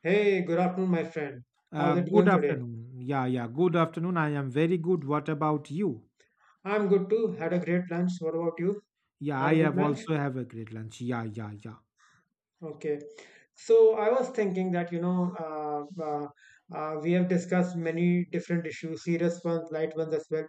Hey, good afternoon, my friend. How's it Good going today? afternoon. Yeah. Good afternoon. I am very good. What about you? I'm good too. Had a great lunch. What about you? Yeah, I Had a good have lunch? also have a great lunch. Yeah, yeah, yeah. Okay. So I was thinking that, we have discussed many different issues, serious ones, light ones as well.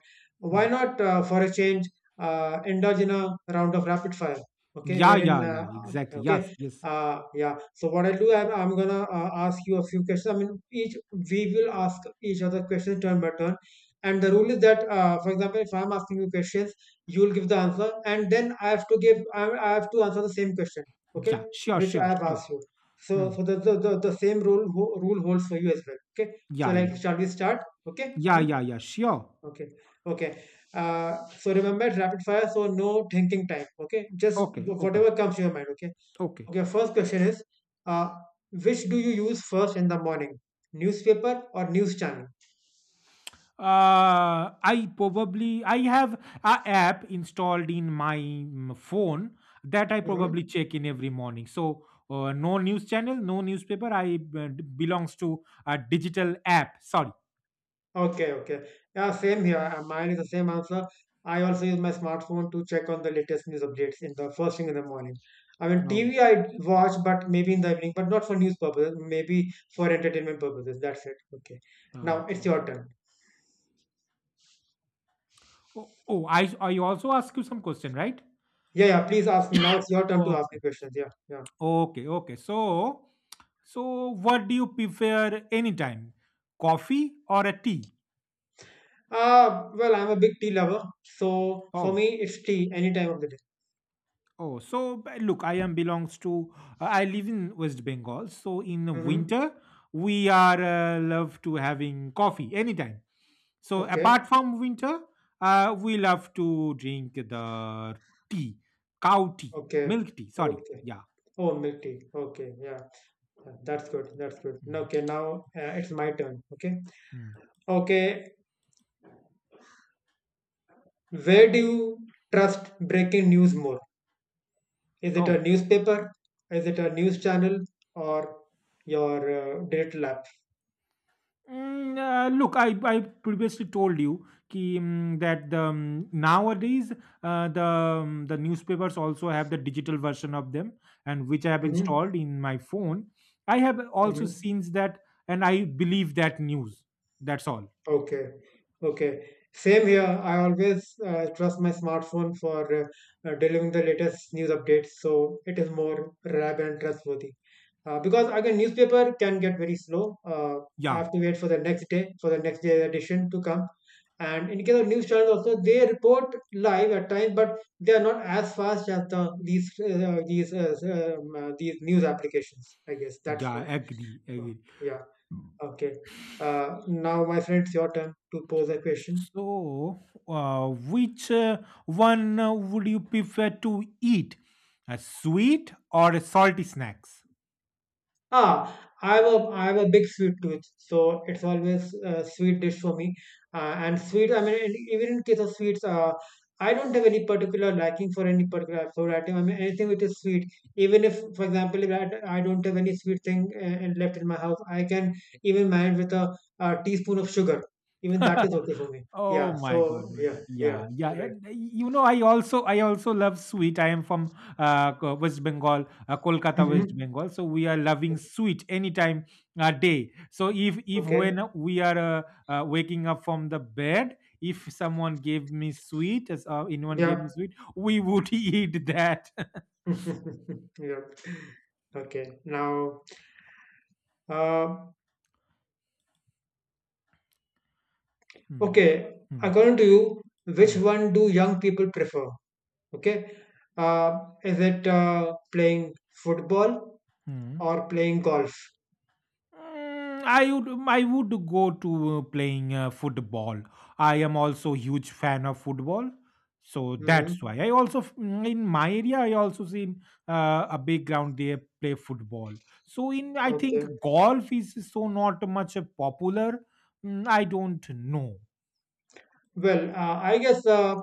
Hmm. Why not, for a change, indulge in a round of rapid fire? Okay, Yeah, wherein, yeah, yeah. uh, Exactly. Yes, okay, yes. Yeah. So what I'll do, I'm gonna ask you a few questions. I mean, each We will ask each other questions turn by turn. And the rule is that, for example, if I'm asking you questions, you will give the answer, and then I have to answer the same question. Okay, Yeah. Sure, which I sure, have sure. asked you. Hmm. So the same rule holds for you as well. Okay. So, Yeah, yeah. like, shall we start? Okay. Yeah, Hmm? yeah, yeah. Sure. Okay. Okay. So remember, rapid fire. So no thinking time. Okay. Just Okay, okay, whatever comes to your mind. Okay. okay. Okay. First question is, uh, which do you use first in the morning? Newspaper or news channel? I have a app installed in my phone that I probably Mm-hmm. check in every morning. So no news channel, no newspaper. I belongs to a digital app. Sorry. Okay, okay. Yeah, same here. Mine is the same answer. I also use my smartphone to check on the latest news updates in the first thing in the morning. I mean, No. TV I watch, but maybe in the evening, but not for news purposes, maybe for entertainment purposes. That's it. Okay. uh, Now it's your turn. oh, oh, I also ask you some question, right? Yeah, yeah, please ask me. Now it's your turn to ask Okay, me questions. Yeah, yeah. okay, okay. So what do you prefer anytime, coffee or a tea? Well, I'm a big tea lover. So for Oh, me, it's tea any time of the day. oh. Look, I am belongs to. I live in West Bengal, so in Mm-hmm. winter we are love to having coffee anytime. So Okay, apart from winter, we love to drink the tea, cow tea, okay, milk tea. Sorry, okay. yeah. Oh, milk tea. Okay, yeah. That's good. That's good. Mm, Okay, now it's my turn. Okay. mm. Okay. Where do you trust breaking news more? Is it Oh. a newspaper? Is it a news channel or your digital app? Look, I previously told you ki, that the, nowadays the the newspapers also have the digital version of them, and which I have Mm-hmm. installed in my phone. I have also Mm-hmm. seen that, and I believe that news. That's all. Okay. Okay. Same here. I always trust my smartphone for delivering the latest news updates, so it is more reliable and trustworthy. Because again newspaper can get very slow, I Yeah, have to wait for the next day, for the next day edition to come, and in case of news channels also they report live at times but they are not as fast as the these news applications, I guess. That's yeah, why. agree, Oh, agree. yeah, okay. Now, my friends, your turn to pose a question. So, which one would you prefer to eat, a sweet or a salty snacks? Ah, I have a big sweet tooth, so it's always a sweet dish for me. And sweet, even in case of sweets, I don't have any particular liking for any particular food item. I mean, anything which is sweet. Even if, for example, if I don't have any sweet thing and left in my house, I can even manage with a teaspoon of sugar. Even that is okay for me. Oh Yeah. my So god, my yeah, god. yeah, Yeah, yeah. right. And you know, I also love sweet. I am from West Bengal, Kolkata, Hmm. West Bengal. So we are loving sweet anytime day. So if when Okay. we are waking up from the bed, if someone gave me sweet, as anyone gave Yeah. me sweet, we would eat that. Yeah. Okay. Now. Uh, Hmm, Okay, hmm, According to you, which hmm, one do young people prefer? Okay, is it playing football hmm. or playing golf? I would go to playing football. I am also huge fan of football, so that's Mm-hmm. why I also in my area I also seen a big ground they play football. So in I Okay. think golf is so not much popular. I don't know. Well, I guess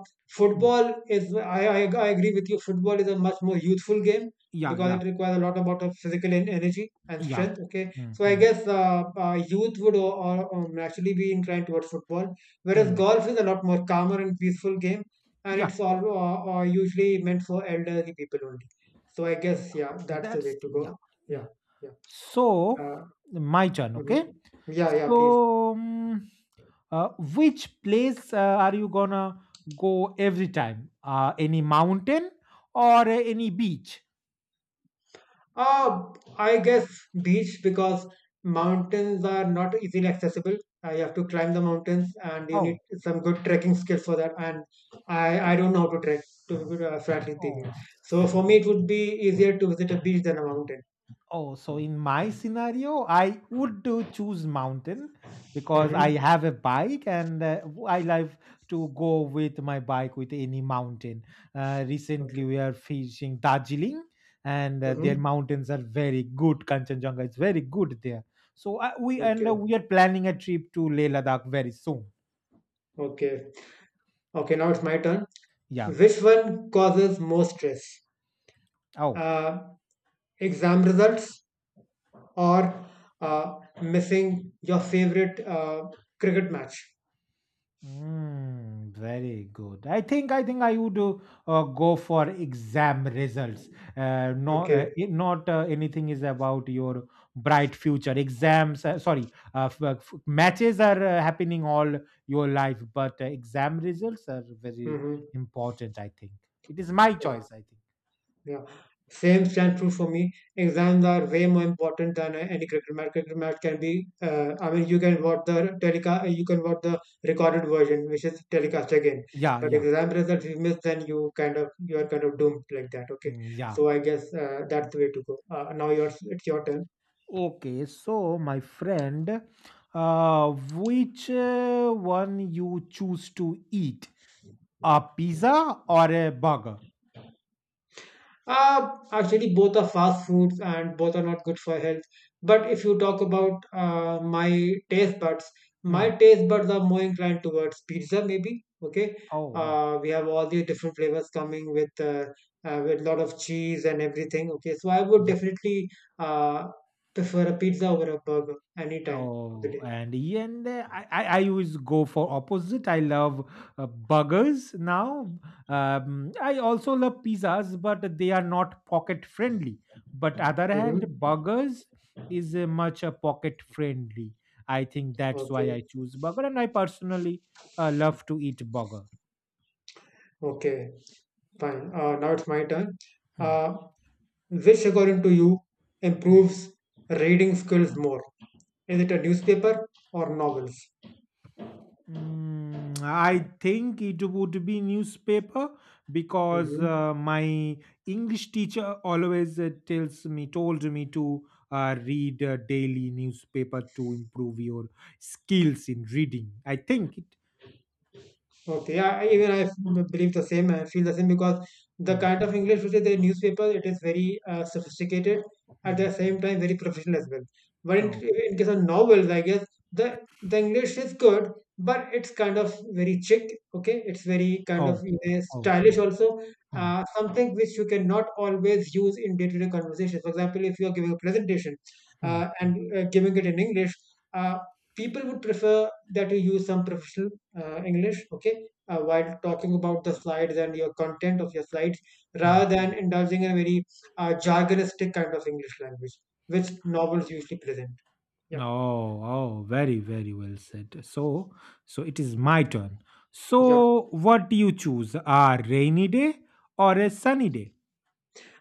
Hmm. football is, I agree with you, football is a much more youthful game Yeah, because yeah, it requires a lot about of physical energy and yeah. strength. Okay. Hmm, So I hmm, guess youth would naturally be inclined towards football, whereas hmm. golf is a lot more calmer and peaceful game and Yeah, it's all usually meant for elderly people only. So I guess, yeah. yeah, that's the That's way to yeah, go. Yeah. yeah. Yeah. So, Uh, my turn, mhm. okay? Yeah. Yeah. Please. So, uh, which place are you gonna go every time? Any mountain or any beach? Uh, I guess beach because mountains are not easily accessible. You have to climb the mountains and you need Oh, some good trekking skills for that. And I don't know how to trek, to be frankly speaking. oh, So for me, so, it would be easier to visit a beach than a mountain. oh, so in my scenario, I would do choose mountain because I Mm-hmm. have a bike and I love to go with my bike with any mountain. Recently, Okay. we are fishing Darjeeling, and Mm-hmm. their mountains are very good. Kanchenjunga is very good there. So we and Okay. we are planning a trip to Leh Ladakh very soon. Okay. Okay. Now it's my turn. Yeah. Which one causes more stress? Oh. Uh, Exam results or uh, missing your favorite cricket match? Very good. I think I would go for exam results. No, Okay. it- not Anything is about your bright future. Exams, matches are happening all your life, but exam results are very Mm-hmm. important. I think it is my Yeah. choice. I think. Yeah. Same stand true for me. Exams are way more important than any cricket match. Cricket match can be, I mean, you can watch the telecast, you can watch the recorded version, which is telecast again. Yeah, But yeah, exam results, you miss, then you are kind of doomed like that. Okay, mm, yeah. so I guess that's the way to go. Now yours, it's your turn. Okay, so my friend, which one you choose to eat? A pizza or a burger? Actually, both are fast foods and both are not good for health. But if you talk about my Hmm. taste buds are more inclined towards pizza, maybe. Okay. Oh, oh, We have all the different flavors coming with lot of cheese and everything. Okay, so I would yeah. definitely uh, prefer a pizza over a burger any time of the Oh, day. and yeah, and I always go for opposite. I love burgers now. I also love pizzas, but they are not pocket friendly. But other hand, Hmm. burgers is much pocket friendly. I think that's why Okay. I choose burger, and I personally love to eat burger. Okay. Fine. Now it's my turn. Hmm. Uh, which, according to you, improves reading skills more? Is it a newspaper or novels? I think it would be newspaper because Mm-hmm. My English teacher always told me to read a daily newspaper to improve your skills in reading. I think it. Okay, yeah, even believe the same and feel the same because the Mm, kind of English which is the newspaper, it is very sophisticated, at mm. the same time very professional as well. But in, Oh, in case of novels, I guess the English is good, but it's kind of very chic. Okay, it's very kind of, oh, you know, oh. stylish also. Mm, Something which you cannot always use in day-to-day conversations. For example, if you are giving a presentation mm, and giving it in English, uh, people would prefer that you use some professional English, okay, while talking about the slides and your content of your slides, mm. rather than indulging in a very jargonistic kind of English language, which novels usually present. Yep. Oh, oh, very, very well said. So, so it is my turn. Yep. So, what do you choose? A rainy day or a sunny day?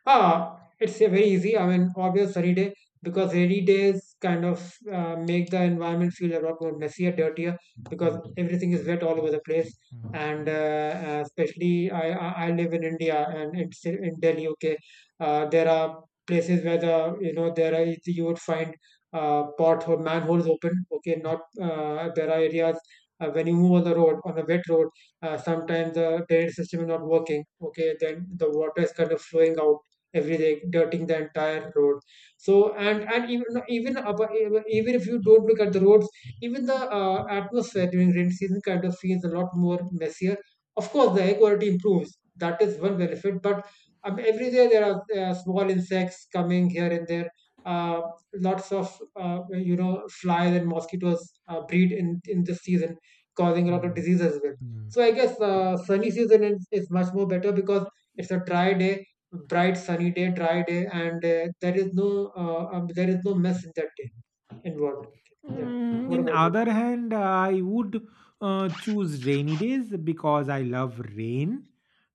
Ah, it's a very easy. I mean, obvious rainy day because rainy days kind of make the environment feel a lot more messier, dirtier, because everything is wet all over the place. Mm. And especially, I live in India and it's in Delhi. Okay, there are places where the, you know, there are, you would find pot or manholes open. Okay, not there are areas. When you move on the road on a wet road, sometimes the drainage system is not working. Okay, then the water is kind of flowing out every day dirting the entire road. So and and even no, even abo- even even if you don't look at the roads, even the atmosphere during rain season kind of feels a lot more messier. Of course the air quality improves, that is one benefit, but every day there are small insects coming here and there, uh, lots of you know, flies and mosquitoes breed in this season, causing a lot of Mm, disease as well. mm. So I guess sunny season is much more better because it's a dry day, bright sunny day, dry day, and there is no mess in that day involved. Yeah. What In about you? other hand, I would choose rainy days because I love rain.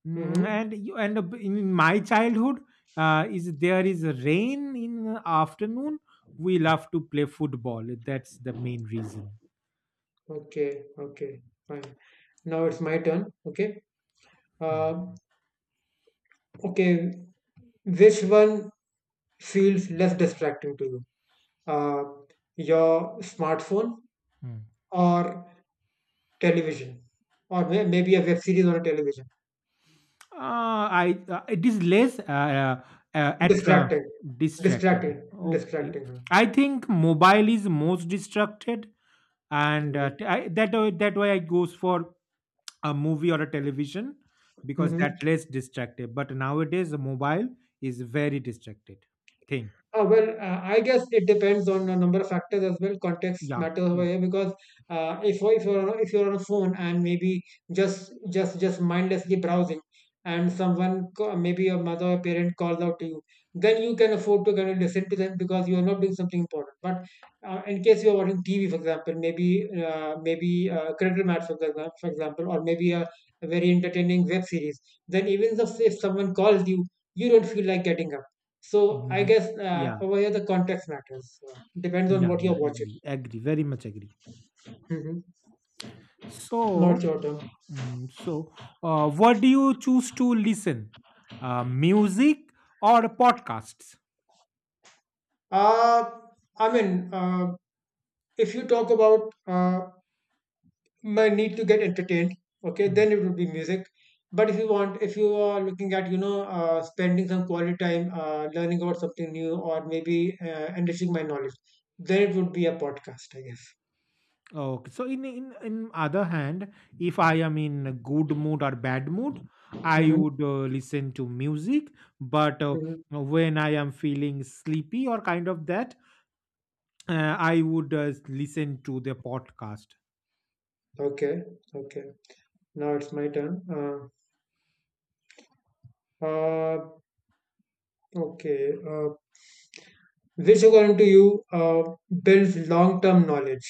Mm-hmm. And you, and in my childhood, is there is a rain in the afternoon, we love to play football. That's the main reason. Okay. Okay. Fine. Now it's my turn. Okay. Mm, Uh. okay. Which one feels less distracting to you? Uh, your smartphone mm. or television, or maybe a web series on a television. I It is less uh, at, uh, Distracting. distracted. Distracting. Okay, Distracting. Huh? I think mobile is most distracted and Mm-hmm. That way I goes for a movie or a television because Mm-hmm. that less distracted. But nowadays, the mobile is very distracted thing. Well, I guess it depends on a number of factors as well. Context Yeah, matters over yeah, here because if if you're on a phone and maybe just mindlessly browsing, and maybe your mother or parent calls out to you, then you can afford to kind of listen to them because you are not doing something important. But in case you are watching TV, for example, maybe cricket match for example, or maybe a very entertaining web series, then even if someone calls you, you don't feel like getting up. So I Mhm. guess yeah, over here the context matters. Depends on yeah, what yeah. you're watching. Agree, agree, very much agree. Hmm. So, Not your term. mm, so what do you choose to listen? Music or podcasts? Uh, I mean, if you talk about my need to get entertained, okay, Hmm. then it would be music. But if you want, if you are looking at, you know, spending some quality time learning about something new or maybe enriching my knowledge, then it would be a podcast, I guess. Okay. So in other hand, if I am in a good mood or bad mood, I Hmm. would listen to music. But Hmm. when I am feeling sleepy or kind of that, I would listen to the podcast. Okay, okay. Now it's my turn. Uh, okay. Uh, which, according to you, builds long-term knowledge,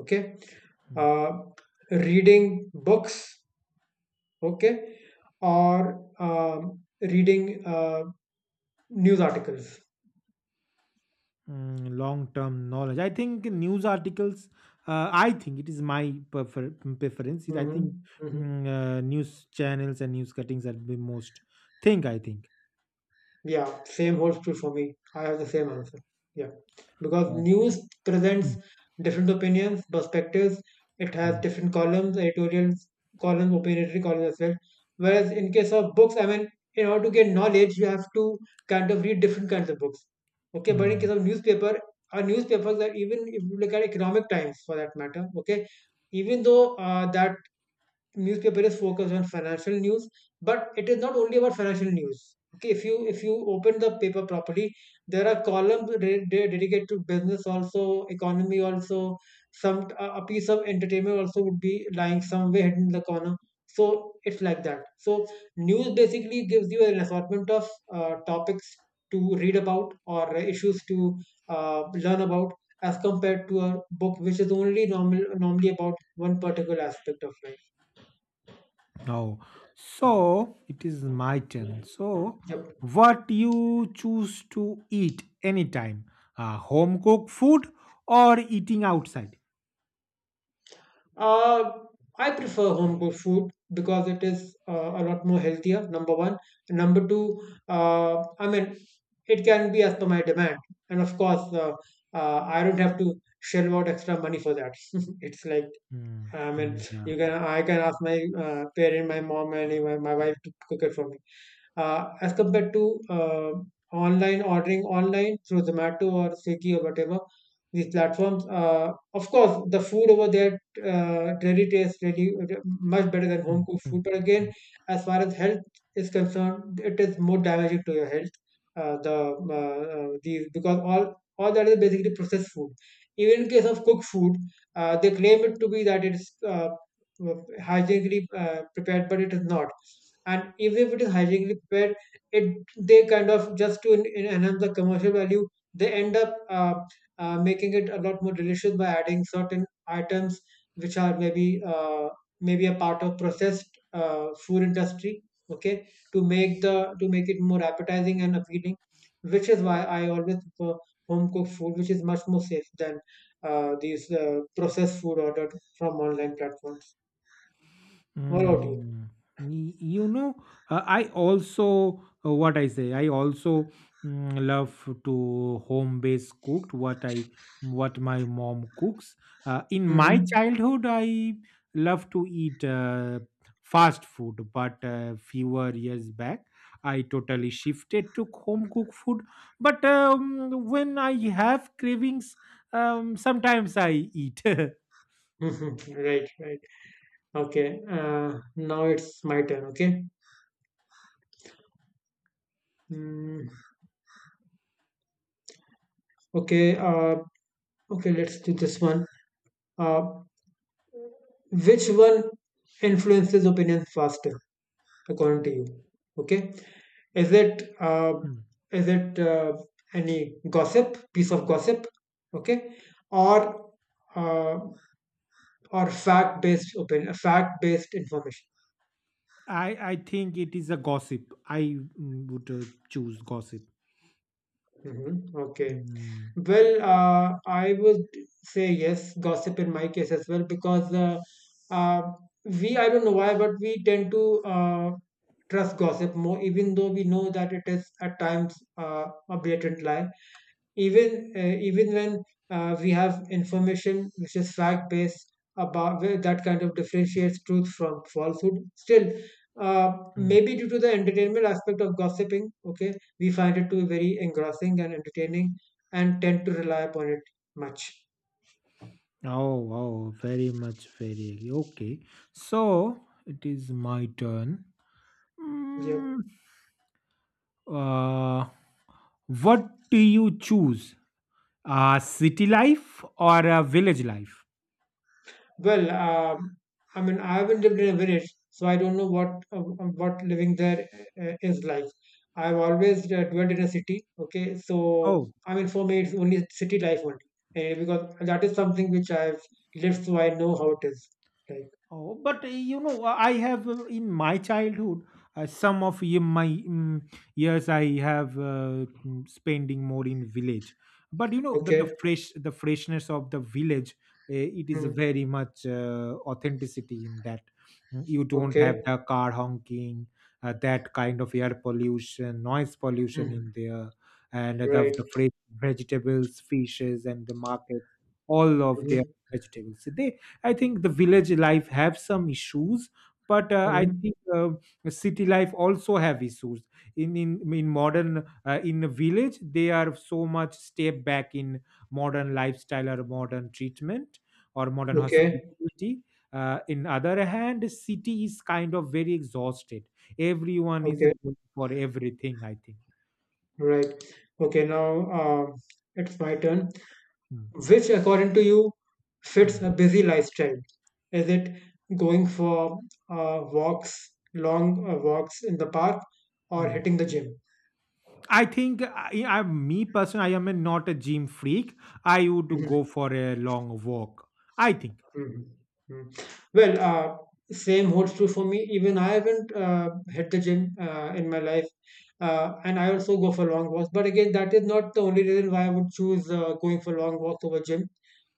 okay, Mm. uh, reading books, okay, or reading news articles? Mm, long-term knowledge. I think news articles. I think it is my preference. I Hmm. think Hmm. News channels and news cuttings are the most thing. I think. Yeah, same holds true for me. I have the same answer. Yeah, because Uh, news mm, presents different opinions, perspectives. It has mm, different columns, editorial columns, opinionary columns as well. Whereas in case of books, I mean, in order to get knowledge, you have to kind of read different kinds of books. Okay, but in case mm. of newspaper, our newspapers are even if you look at Economic Times for that matter. Okay, even though that newspaper is focused on financial news, but it is not only about financial news. Okay, if you open the paper properly, there are columns dedicated to business, also economy, also some a piece of entertainment also would be lying somewhere hidden in the corner, so it's like that. So news basically gives you an assortment of topics to read about, or issues to learn about, as compared to a book, which is only normally about one particular aspect of life. Oh, so it is my turn. So, Yep. what you choose to eat anytime? Home cooked food or eating outside? Uh, I prefer home cooked food because it is a lot more healthier. Number one, and number two, uh, I mean, it can be as per my demand, and of course, I don't have to shell out extra money for that. It's like, Mm, I mean, mm, yeah. you can I can ask my parent, my mom, and even my wife to cook it for me, as compared to online ordering online through Zomato or Swiggy or whatever these platforms. Of course, the food over there really tastes really much better than home Mm, cooked mm, food. But again, mm. as far as health is concerned, it is more damaging to your health. These, because all that is basically processed food. Even in case of cooked food, they claim it to be that it's hygienically prepared, but it is not. And if it is hygienically prepared, it, they kind of, just to enhance the commercial value, they end up making it a lot more delicious by adding certain items which are maybe a part of processed food industry, okay, to make the to make it more appetizing and appealing, which is why I always prefer home cooked food, which is much more safe than these processed food ordered from online platforms. What about you? Mm, you know, I also what I say. I also love to home based cooked what I what my mom cooks. In my Mm-hmm. childhood, I love to eat fast food, but fewer years back, I totally shifted to home cooked food. But when I have cravings, sometimes I eat. Right, right. Okay, now it's my turn. Okay. Mm, okay. Uh, okay. Let's do this one. Uh, which one influences opinions faster, according to you? Okay. Is Mm. It any gossip, piece of gossip? Okay. Or uh, or fact based opinion, fact based information. I think it is a gossip. I would choose gossip. Hmm. Okay. Mm, Well, I would say yes, gossip in my case as well, because uh, I don't know why, but we tend to trust gossip more, even though we know that it is at times a blatant lie, even even when we have information which is fact based, about where that kind of differentiates truth from falsehood. Still, uh, mm. maybe due to the entertainment aspect of gossiping, okay, we find it to be very engrossing and entertaining, and tend to rely upon it much. Oh, oh, very much, very agree. Okay. So it is my turn. Yeah. Mm, uh, what do you choose? City life or village life? Well, I haven't lived in a village, so I don't know what living there is like. I've always dwelt in a city. Okay, so Oh, I mean, for me, it's only city life only, eh, because that is something which I've lived, so I know how it is. Like, oh, but you know, I have in my childhood, some of my years I have spending more in village. But you know that the okay, fresh, the freshness of the village, it is mm, very much authenticity in that. You don't have okay, the car honking, that kind of air pollution, noise pollution in mm, there, and right, the fresh vegetables, fishes, and the market, all of their hmm vegetables. They I think the village life have some issues, but I hmm think city life also have issues. In modern in a village, they are so much step back in modern lifestyle or modern treatment or modern okay, hospitality. In other hand, city is kind of very exhausted. Everyone is okay, going for everything. I think. right, okay. Now it's my turn. Mm, Which, according to you, mm, fits a busy lifestyle? Is it going for walks, long walks in the park, or mm. hitting the gym? I think I me personally, I am not a gym freak. I would go Mhm. for a long walk. I think. Mhm. Mm. Well, same holds true for me. Even I haven't hit the gym in my life, and I also go for long walks. But again, that is not the only reason why I would choose going for long walks over gym,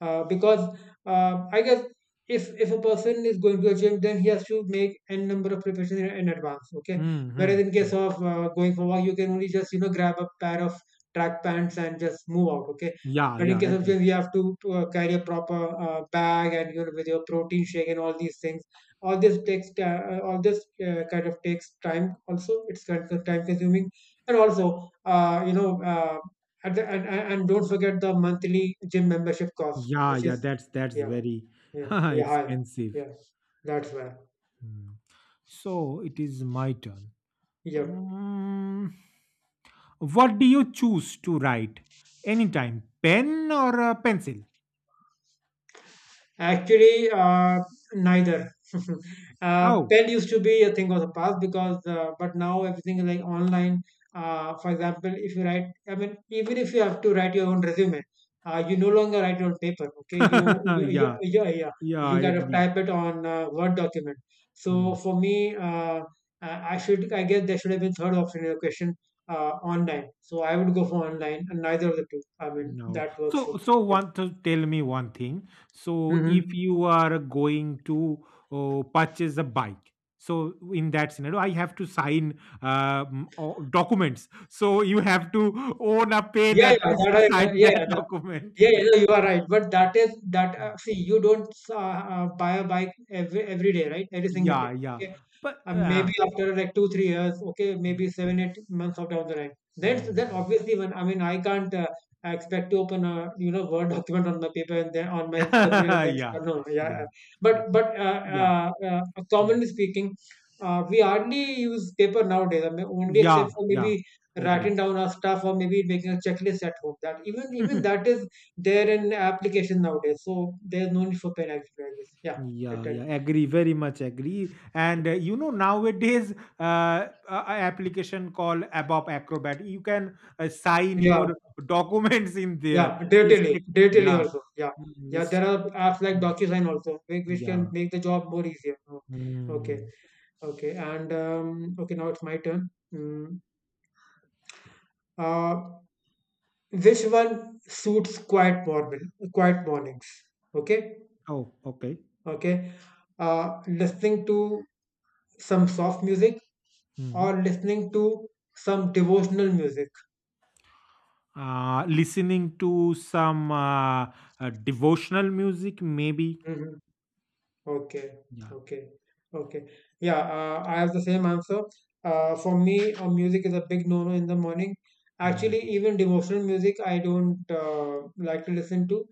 because I guess if a person is going to a gym, then he has to make n number of preparations in advance. Okay, whereas Mm-hmm. in case of going for walk, you can only just, you know, grab a pair of track pants and just move out. Okay, Yeah, but in yeah, case of agree. gyms, you have to, carry a proper bag, and you know, with your protein shake and all these things. All this takes all this kind of takes time. Also, it's kind of time consuming, and also at the, and don't forget the monthly gym membership cost, Yeah, which yeah, is that's yeah, very yeah, yeah, high. expensive. Yeah, that's where. Mm. So it is my turn. Yeah. Um, what do you choose to write? Anytime, pen or a pencil? Actually, neither. Oh, Pen used to be a thing of the past because, but now everything is like online. For example, if you write, I mean, even if you have to write your own resume, you no longer write it on paper. Okay, you, yeah, yeah, yeah, yeah. yeah, You I kind of agree. type it on Word document. So for me, I should, I guess there should have been third option in the question, online. So I would go for online, and neither of the two. I mean, No. that works So, for me. so want to tell me one thing. Yeah. So, if Hmm. you are going to purchase a bike, so in that scenario, I have to sign documents. So you have to own a pen Yeah, yeah, at least that to I, yeah, sign yeah, that that, document. yeah, yeah, no, you are right. But that is that. Mm. See, you don't buy a bike every day, right? Every single Yeah, day. yeah. Okay, But maybe after like 2 3 years, okay, maybe 7 8 months of down the line, then mm. obviously when, I mean, I can't expect to open a, you know, Word document on my paper and then on my computer and yeah, then yeah, start- no, yeah, yeah, yeah. but but uh, yeah, uh, uh, mm. commonly speaking, we hardly use paper nowadays. I mean, only yeah, except for yeah. maybe Agree. writing down our stuff, or maybe making a checklist at home, that even even that is there in application nowadays, so there's no need for pen actually, I guess. Yeah. that- Yeah, yeah, that- agree, very much agree. And you know, nowadays, a application called ABAP Acrobat, you can sign yeah. your documents in there. Yeah, It's, Datally, Datally yeah, also. Yeah, yeah. it's, There are apps like mm, DocuSign also, which can yeah. make the job more easier. Oh, okay, Mm. okay. And okay, now it's my turn. Mm, uh, which one suits quiet morning, quiet mornings? Okay, Oh, okay. okay. Listening to some soft music Hmm. or listening to some devotional music. Listening to some devotional music, maybe. Mm-hmm. Okay, Yeah. okay, okay. Yeah, I have the same answer. For me, music is a big no-no in the morning. Mm. Actually, even devotional music, I don't like to listen to.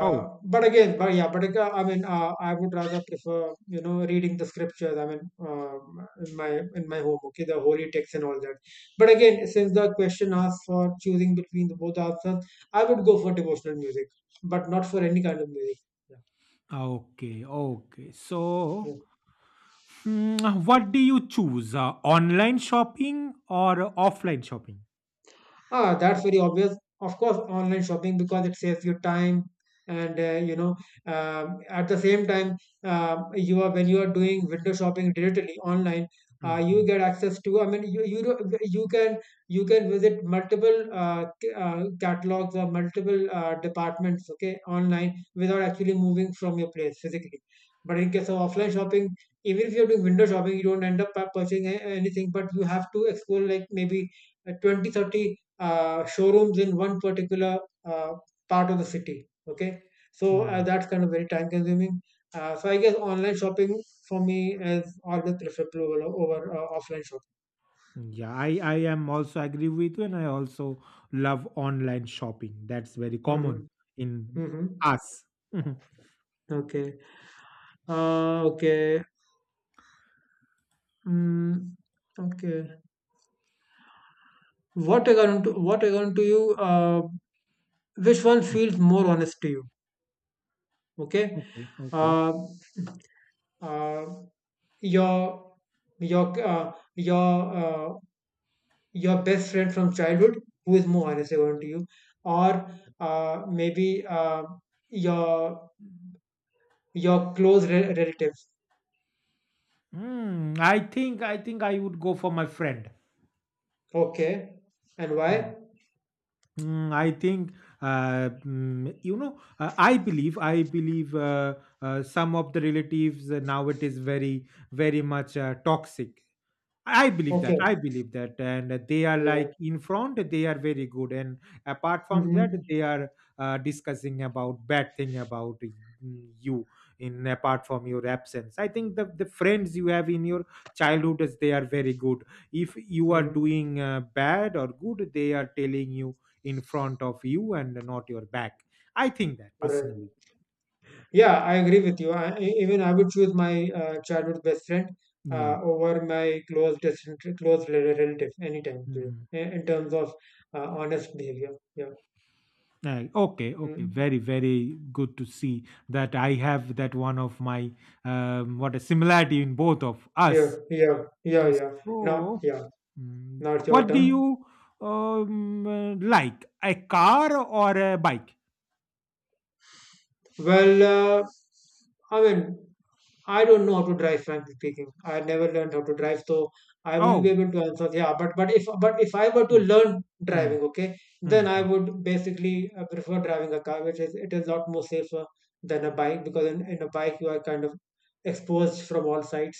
Oh, But again, but yeah, but I mean, I would rather prefer, you know, reading the scriptures. I mean, uh, in my home, okay, the holy text and all that. But again, since the question asked for choosing between the both answers, I would go for devotional music, but not for any kind of music. Yeah. okay, okay. Yeah. So. What do you choose, online shopping or offline shopping? Ah, that's very obvious. Of course, online shopping, because it saves you time, and at the same time, you are, when you are doing window shopping digitally online, Mhm, you get access to, I mean, you can visit multiple catalogs or multiple departments, okay, online, without actually moving from your place physically. But in case of offline shopping, even if you're doing window shopping, you don't end up purchasing anything, but you have to explore like maybe 20, 30 showrooms in one particular uh, part of the city. Okay, so mm. that's kind of very time consuming. So I guess online shopping for me is always preferable over, over offline shopping. Yeah, I am also agree with you, and I also love online shopping. That's very common in Mm-hmm. Mm-hmm. us. Mhm, Okay. Uh, okay. Mm, okay. What according to you, which one mm. feels more honest to you? Okay. Okay, okay. Uh, uh, your your uh, your uh, your best friend from childhood, who is more honest according to you, or maybe your your close relatives? Mm, I think I would go for my friend. Okay, and Yeah. why? I think you know. I believe. I believe some of the relatives now it is very much toxic I believe that. I Okay, believe that. And they are yeah. like in front, they are very good. And apart from that, Mm-hmm. they are discussing about bad thing about you in apart from your absence. I think the friends you have in your childhood, is they are very good. If you are Mm-hmm. doing bad or good, they are telling you in front of you and not your back. I think that Right, personally. yeah, I agree with you. Even I would choose my childhood best friend Yeah. over my close distant, close relative anytime too, Hmm. in terms of honest behavior. Yeah. Okay, okay, Mm. very, very good to see that I have that one of my what a similarity in both of Yeah, us. yeah, yeah, yeah. Now So, yeah, now it's your what do turn. you like, a car or a bike? Well, uh, I mean, I don't know how to drive, frankly speaking. I never learned how to drive, so I won't be Oh, able to answer. Yeah, but if I were to mm, learn mm, driving, okay, then I mm, would basically prefer driving a car, which is, it is a lot more safer than a bike, because in a bike you are kind of exposed from all sides.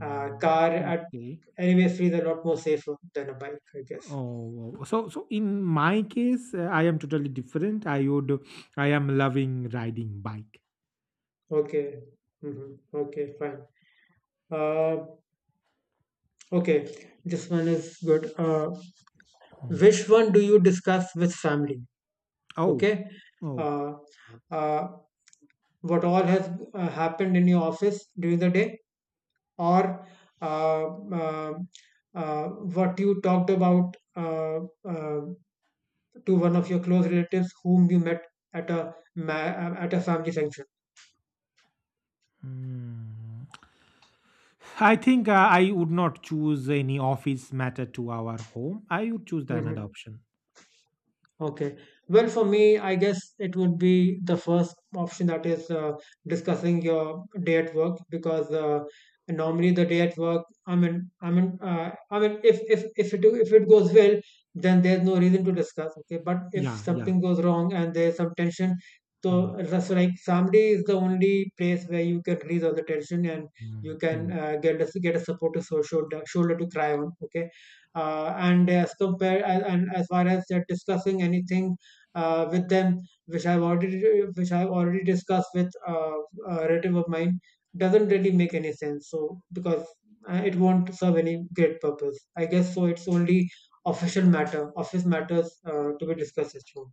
Car mm, at okay. anyway feels a lot more safer than a bike, I guess. Oh, oh, so so in my case, I am totally different. I would, I am loving riding bike. Okay. Hmm. Okay, fine. Uh, okay, this one is good. Mm. Which one do you discuss with family? Oh, Okay. oh. uh, uh, what all has happened in your office during the day, or uh, uh, uh, what you talked about uh, to one of your close relatives whom you met at a family function? Mm. I think I would not choose any office matter to our home. I would choose the another Mhm. option. Okay. Well, for me, I guess it would be the first option, that is discussing your day at work, because normally the day at work, I mean, if it goes well, then there's no reason to discuss. Okay, but if Yeah, yeah. something goes wrong and there's some tension, so Mm, that's like Saturday is the only place where you can release all the tension, and mm, you mm. can get a supportive shoulder to cry on. Okay. And as compared, and as far as discussing anything with them, which I've already which I've already discussed with a relative of mine, doesn't really make any sense. So, because it won't serve any great purpose, I guess. So it's only official matter, office matters to be discussed at home.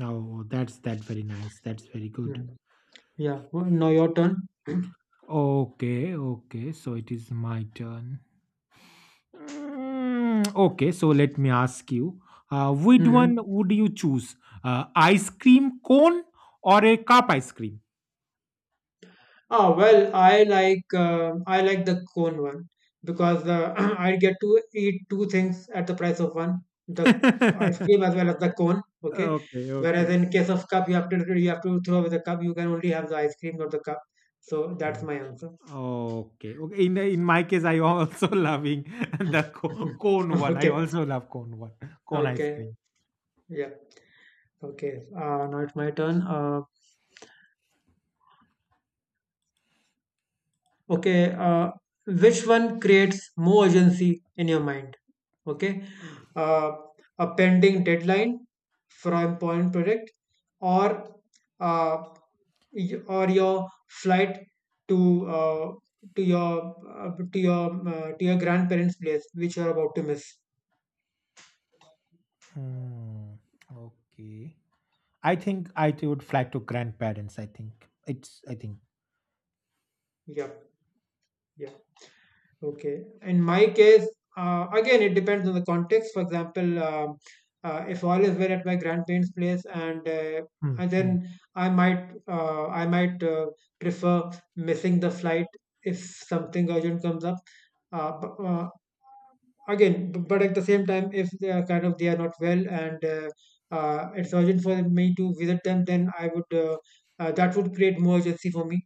Oh, that's that very nice. That's very good. Hmm. Yeah. Well, now your turn. Okay, okay. So it is my turn. Mm, okay, so let me ask you. Which one Hmm. would you choose? Ice cream cone or a cup ice cream? Ah, well, I like the cone one, because I get to eat two things at the price of one, the ice Okay, cream as well as the cone. Okay, whereas okay. in case of cup, you have to throw away the cup. You can only have the ice cream, not the cup. So that's my answer. Okay, okay. In my case, I also loving the cone one. I Okay. also love cone one, cone ice Okay, cream. yeah, okay. Now it's my turn. Okay uh, which one creates more urgency in your mind? Okay. uh, a pending deadline for an important project, or uh, or your flight to to your grandparents' place, which you are about to miss? Hmm. Okay. I think I would fly to grandparents. I think it's. I think. Yeah, yeah. Okay. In my case, again, it depends on the context. For example, if all is well at my grandparents' place, Hmm, and then hmm. I might prefer missing the flight if something urgent comes up. Uh, bu- uh, Again, but at the same time, if they are kind of they are not well, and it's urgent for me to visit them, then I would that would create more urgency for me.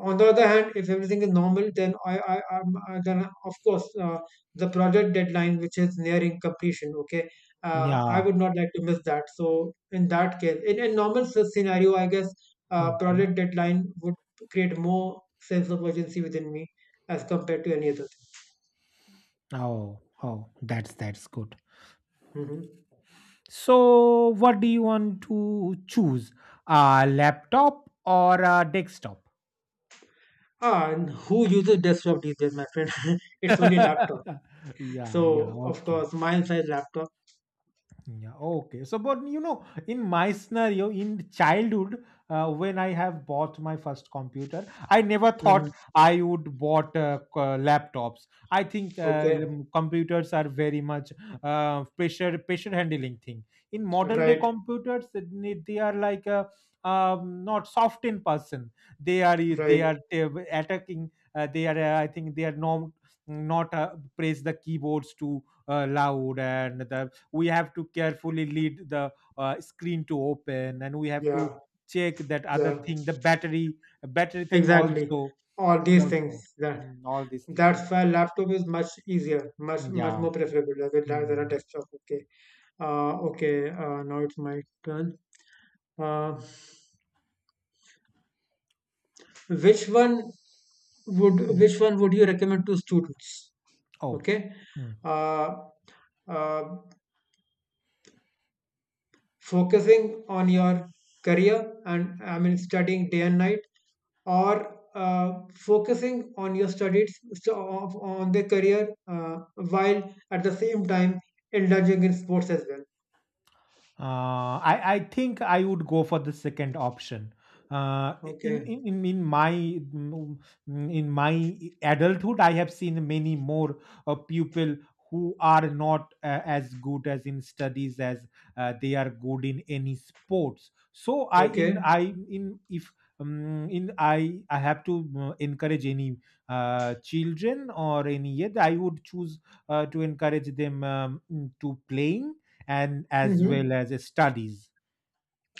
On the other hand, if everything is normal, then I then, of course, the project deadline, which is nearing completion. Okay, Yeah. I would not like to miss that. So in that case, in a normal scenario, I guess Hmm, hmm. project deadline would create more sense of urgency within me as compared to any other Oh, oh. That's good. thing. Hmm. So, what do you want to choose? A laptop or a desktop? Ah, and who uses desktop these days, my friend? It's only laptop. Yeah. Yeah. So of Okay. course, mine size laptop. Yeah, okay. So, but you know, in my scenario, in childhood, when I have bought my first computer, I never thought Hmm. I would bought laptops. I think Okay, computers are very much pressure handling thing. In modern day right, computers, they are like not soft in person. They are they right. are attacking. They are I think they are not press the keyboards too loud and the we have to carefully lead the screen to open and we have to Yeah, check that other yeah. thing the battery thing Exactly. also All these things, also. that Mm, all these things. that's why laptop is much easier, much Yeah. more preferable rather than a Mm. desktop. Okay. Okay. Now it's my turn. Uh, which one Mm. which one would you recommend to students? Oh. Okay. Uh, uh, Focusing on your career and I mean studying day and night, or focusing on your studies, so on the career while at the same time indulging in sports as well? I think I would go for the second option. Uh, in Okay. in in in my mm, in my adulthood, I have seen many more people who are not as good as in studies as they are good in any sports. So Okay. I in if in I have to encourage any children or any yet I would choose to encourage them to playing and as well Hmm. as studies.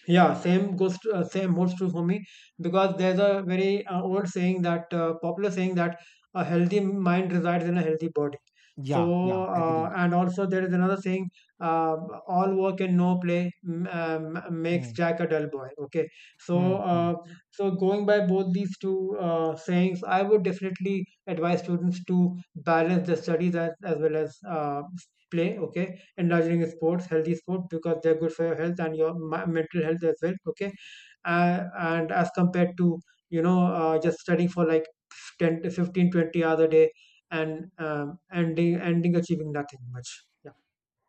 Yeah, same holds true for me, because there's a very old saying, that popular saying, that a healthy mind resides in a healthy body. Yeah, So yeah, agree. And also there is another saying, uh, all work and no play makes Hmm, Jack a dull boy. Okay, hmm, so hmm, so going by both these two sayings, I would definitely advise students to balance their studies as well as play. Okay, indulging sports, healthy sports, because they're good for your health and your mental health as well. Okay. And as compared to just studying for like 10 to 15 20 hours a day, and ending achieving nothing much. Yeah.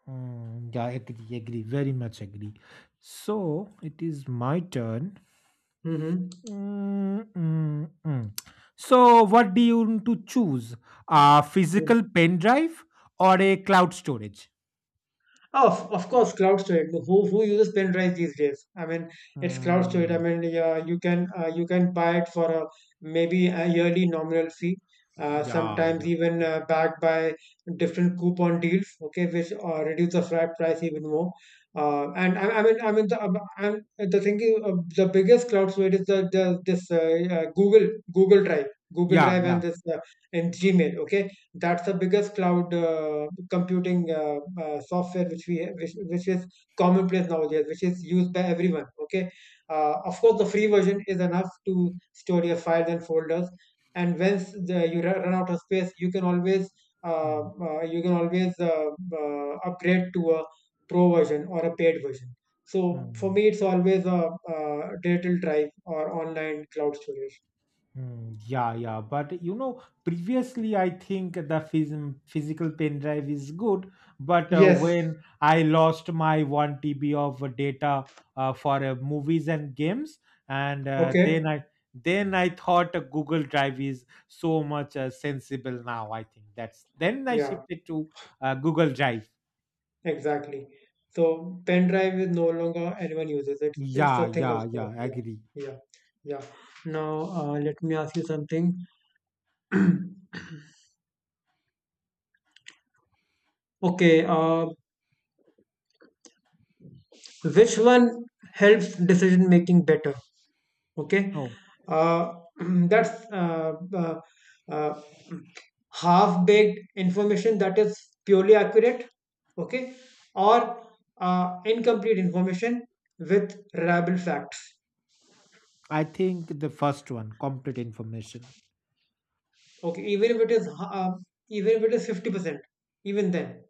hmm. Yeah, agree, agree, very much agree. So it is my turn. Mm-hmm. Mm, mm, mm. So what do you want to choose? A physical Mm-hmm. pen drive or a cloud storage? Oh, of course, cloud storage. Who uses pen drive these days? I mean, it's cloud storage. I Mm, mean, yeah, you can buy it for a maybe a yearly nominal fee. Yeah, Sometimes yeah, even backed by different coupon deals. Okay, which reduce the flat price even more. And the biggest cloud storage is the this Google Google Drive, Google yeah, Drive, yeah. and this and Gmail. Okay, that's the biggest cloud computing software which is commonplace nowadays, which is used by everyone. Okay. Of course the free version is enough to store your files and folders, and once you run out of space, you can always uh, Hmm, uh, you can always uh, upgrade to a pro version or a paid version. So for hmm. me it's always digital drive or online cloud storage. Hmm, yeah, yeah. But you know, previously I think the physical pen drive is good, but Yes. when I lost my 1 TB of data for movies and games, and Okay. Then I thought Google Drive is so much sensible now. I think that's then I Yeah. shifted to Google Drive. Exactly. So pen drive is no longer, anyone uses it. It's Yeah, a thing of yeah, yeah. past. Yeah, Agree. yeah, yeah. Now let me ask you something. Okay. Which one helps decision making better? Okay. No, uh, that's uh, half-baked information that is purely accurate. Okay, or incomplete information with reliable facts. I think the first one, complete information. Okay, even if it is 50%, even then.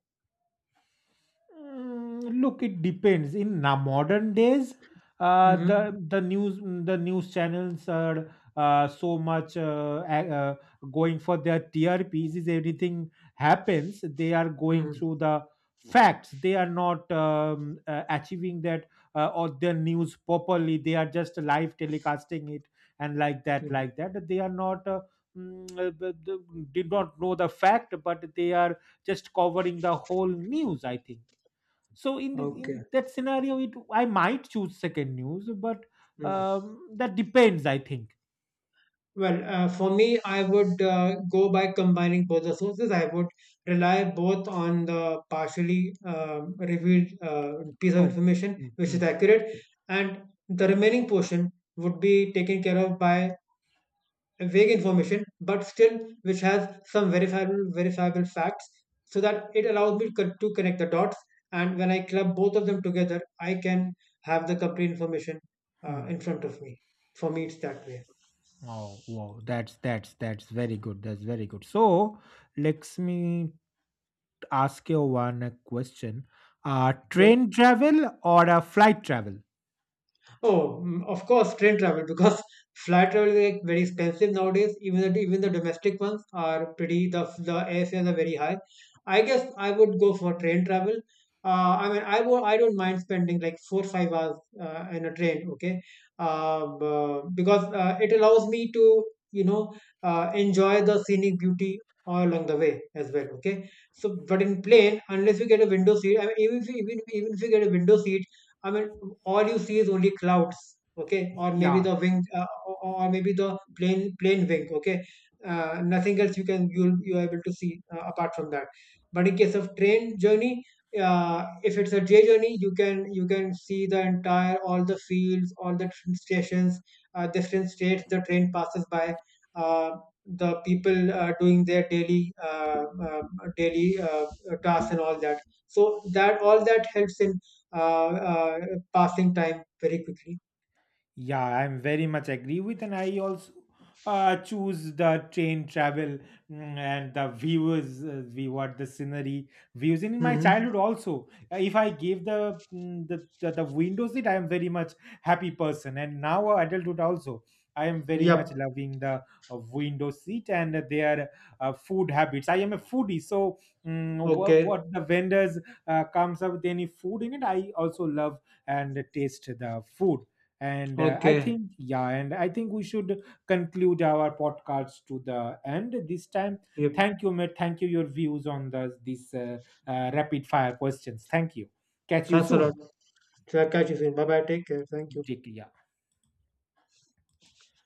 Mm, look, it depends. In modern days, uh, the Mm-hmm. the news the news channels are so much going for their TRPs. Is anything happens, they are going Mm-hmm. through the facts. They are not achieving that or their news properly. They are just live telecasting it and like that, Mm-hmm. like that. They are not. Did not know the fact but they are just covering the whole news I think. So in the, in Okay. that scenario it I might choose second news but Mhm. That depends I think. Well, for me, I would go by combining both the sources. I would rely both on the partially revealed piece of Oh, information, mm, which mm, is accurate, and the remaining portion would be taken care of by vague information, but still which has some verifiable facts, so that it allows to connect the dots. And when I club both of them together, I can have the complete information mm. in front of me. For me, it's that way. Oh, wow, that's very good. That's very good. So, let me ask you one question. Yep. Train travel or a flight travel? Oh, of course, train travel, because flight travel is like very expensive nowadays. Even the domestic ones are pretty, the airfares are very high. I guess I would go for train travel. I mean, I don't mind spending like 4 5 hours in a train. Okay. Because it allows me to you know enjoy the scenic beauty all along the way as well. Okay, so but in plane, unless we get a window seat, I mean, even if we get a window seat. I mean, all you see is only clouds. Okay, or maybe Yeah. the wing, or maybe the plain wing. Okay. Nothing else you can you you are able to see apart from that. But in case of train journey, if it's a day journey, you can see the entire, all the fields, all the different stations, different states the train passes by. Uh, the people doing their daily tasks and all that, so that all that helps in uh, uh, passing time very quickly. Yeah, I'm very much agree with, and I also choose the train travel. Mm, and the views, view what the scenery views. And in my Hmm. childhood also, if I give the, mm, the window seat, I am very much happy person. And now adulthood also, I am very much Yep. loving the window seat and their food habits. I am a foodie, so mm, Okay. what the vendors comes up with any food in it, I also love and taste the food and I Okay. think yeah and I think we should conclude our podcast to the end this time. Yep. Thank you mate, thank you your views on the, this rapid fire questions. Thank you, catch you Thanks a soon. lot. So I'll catch you soon. Bye bye. Take care. Thank you. Take care.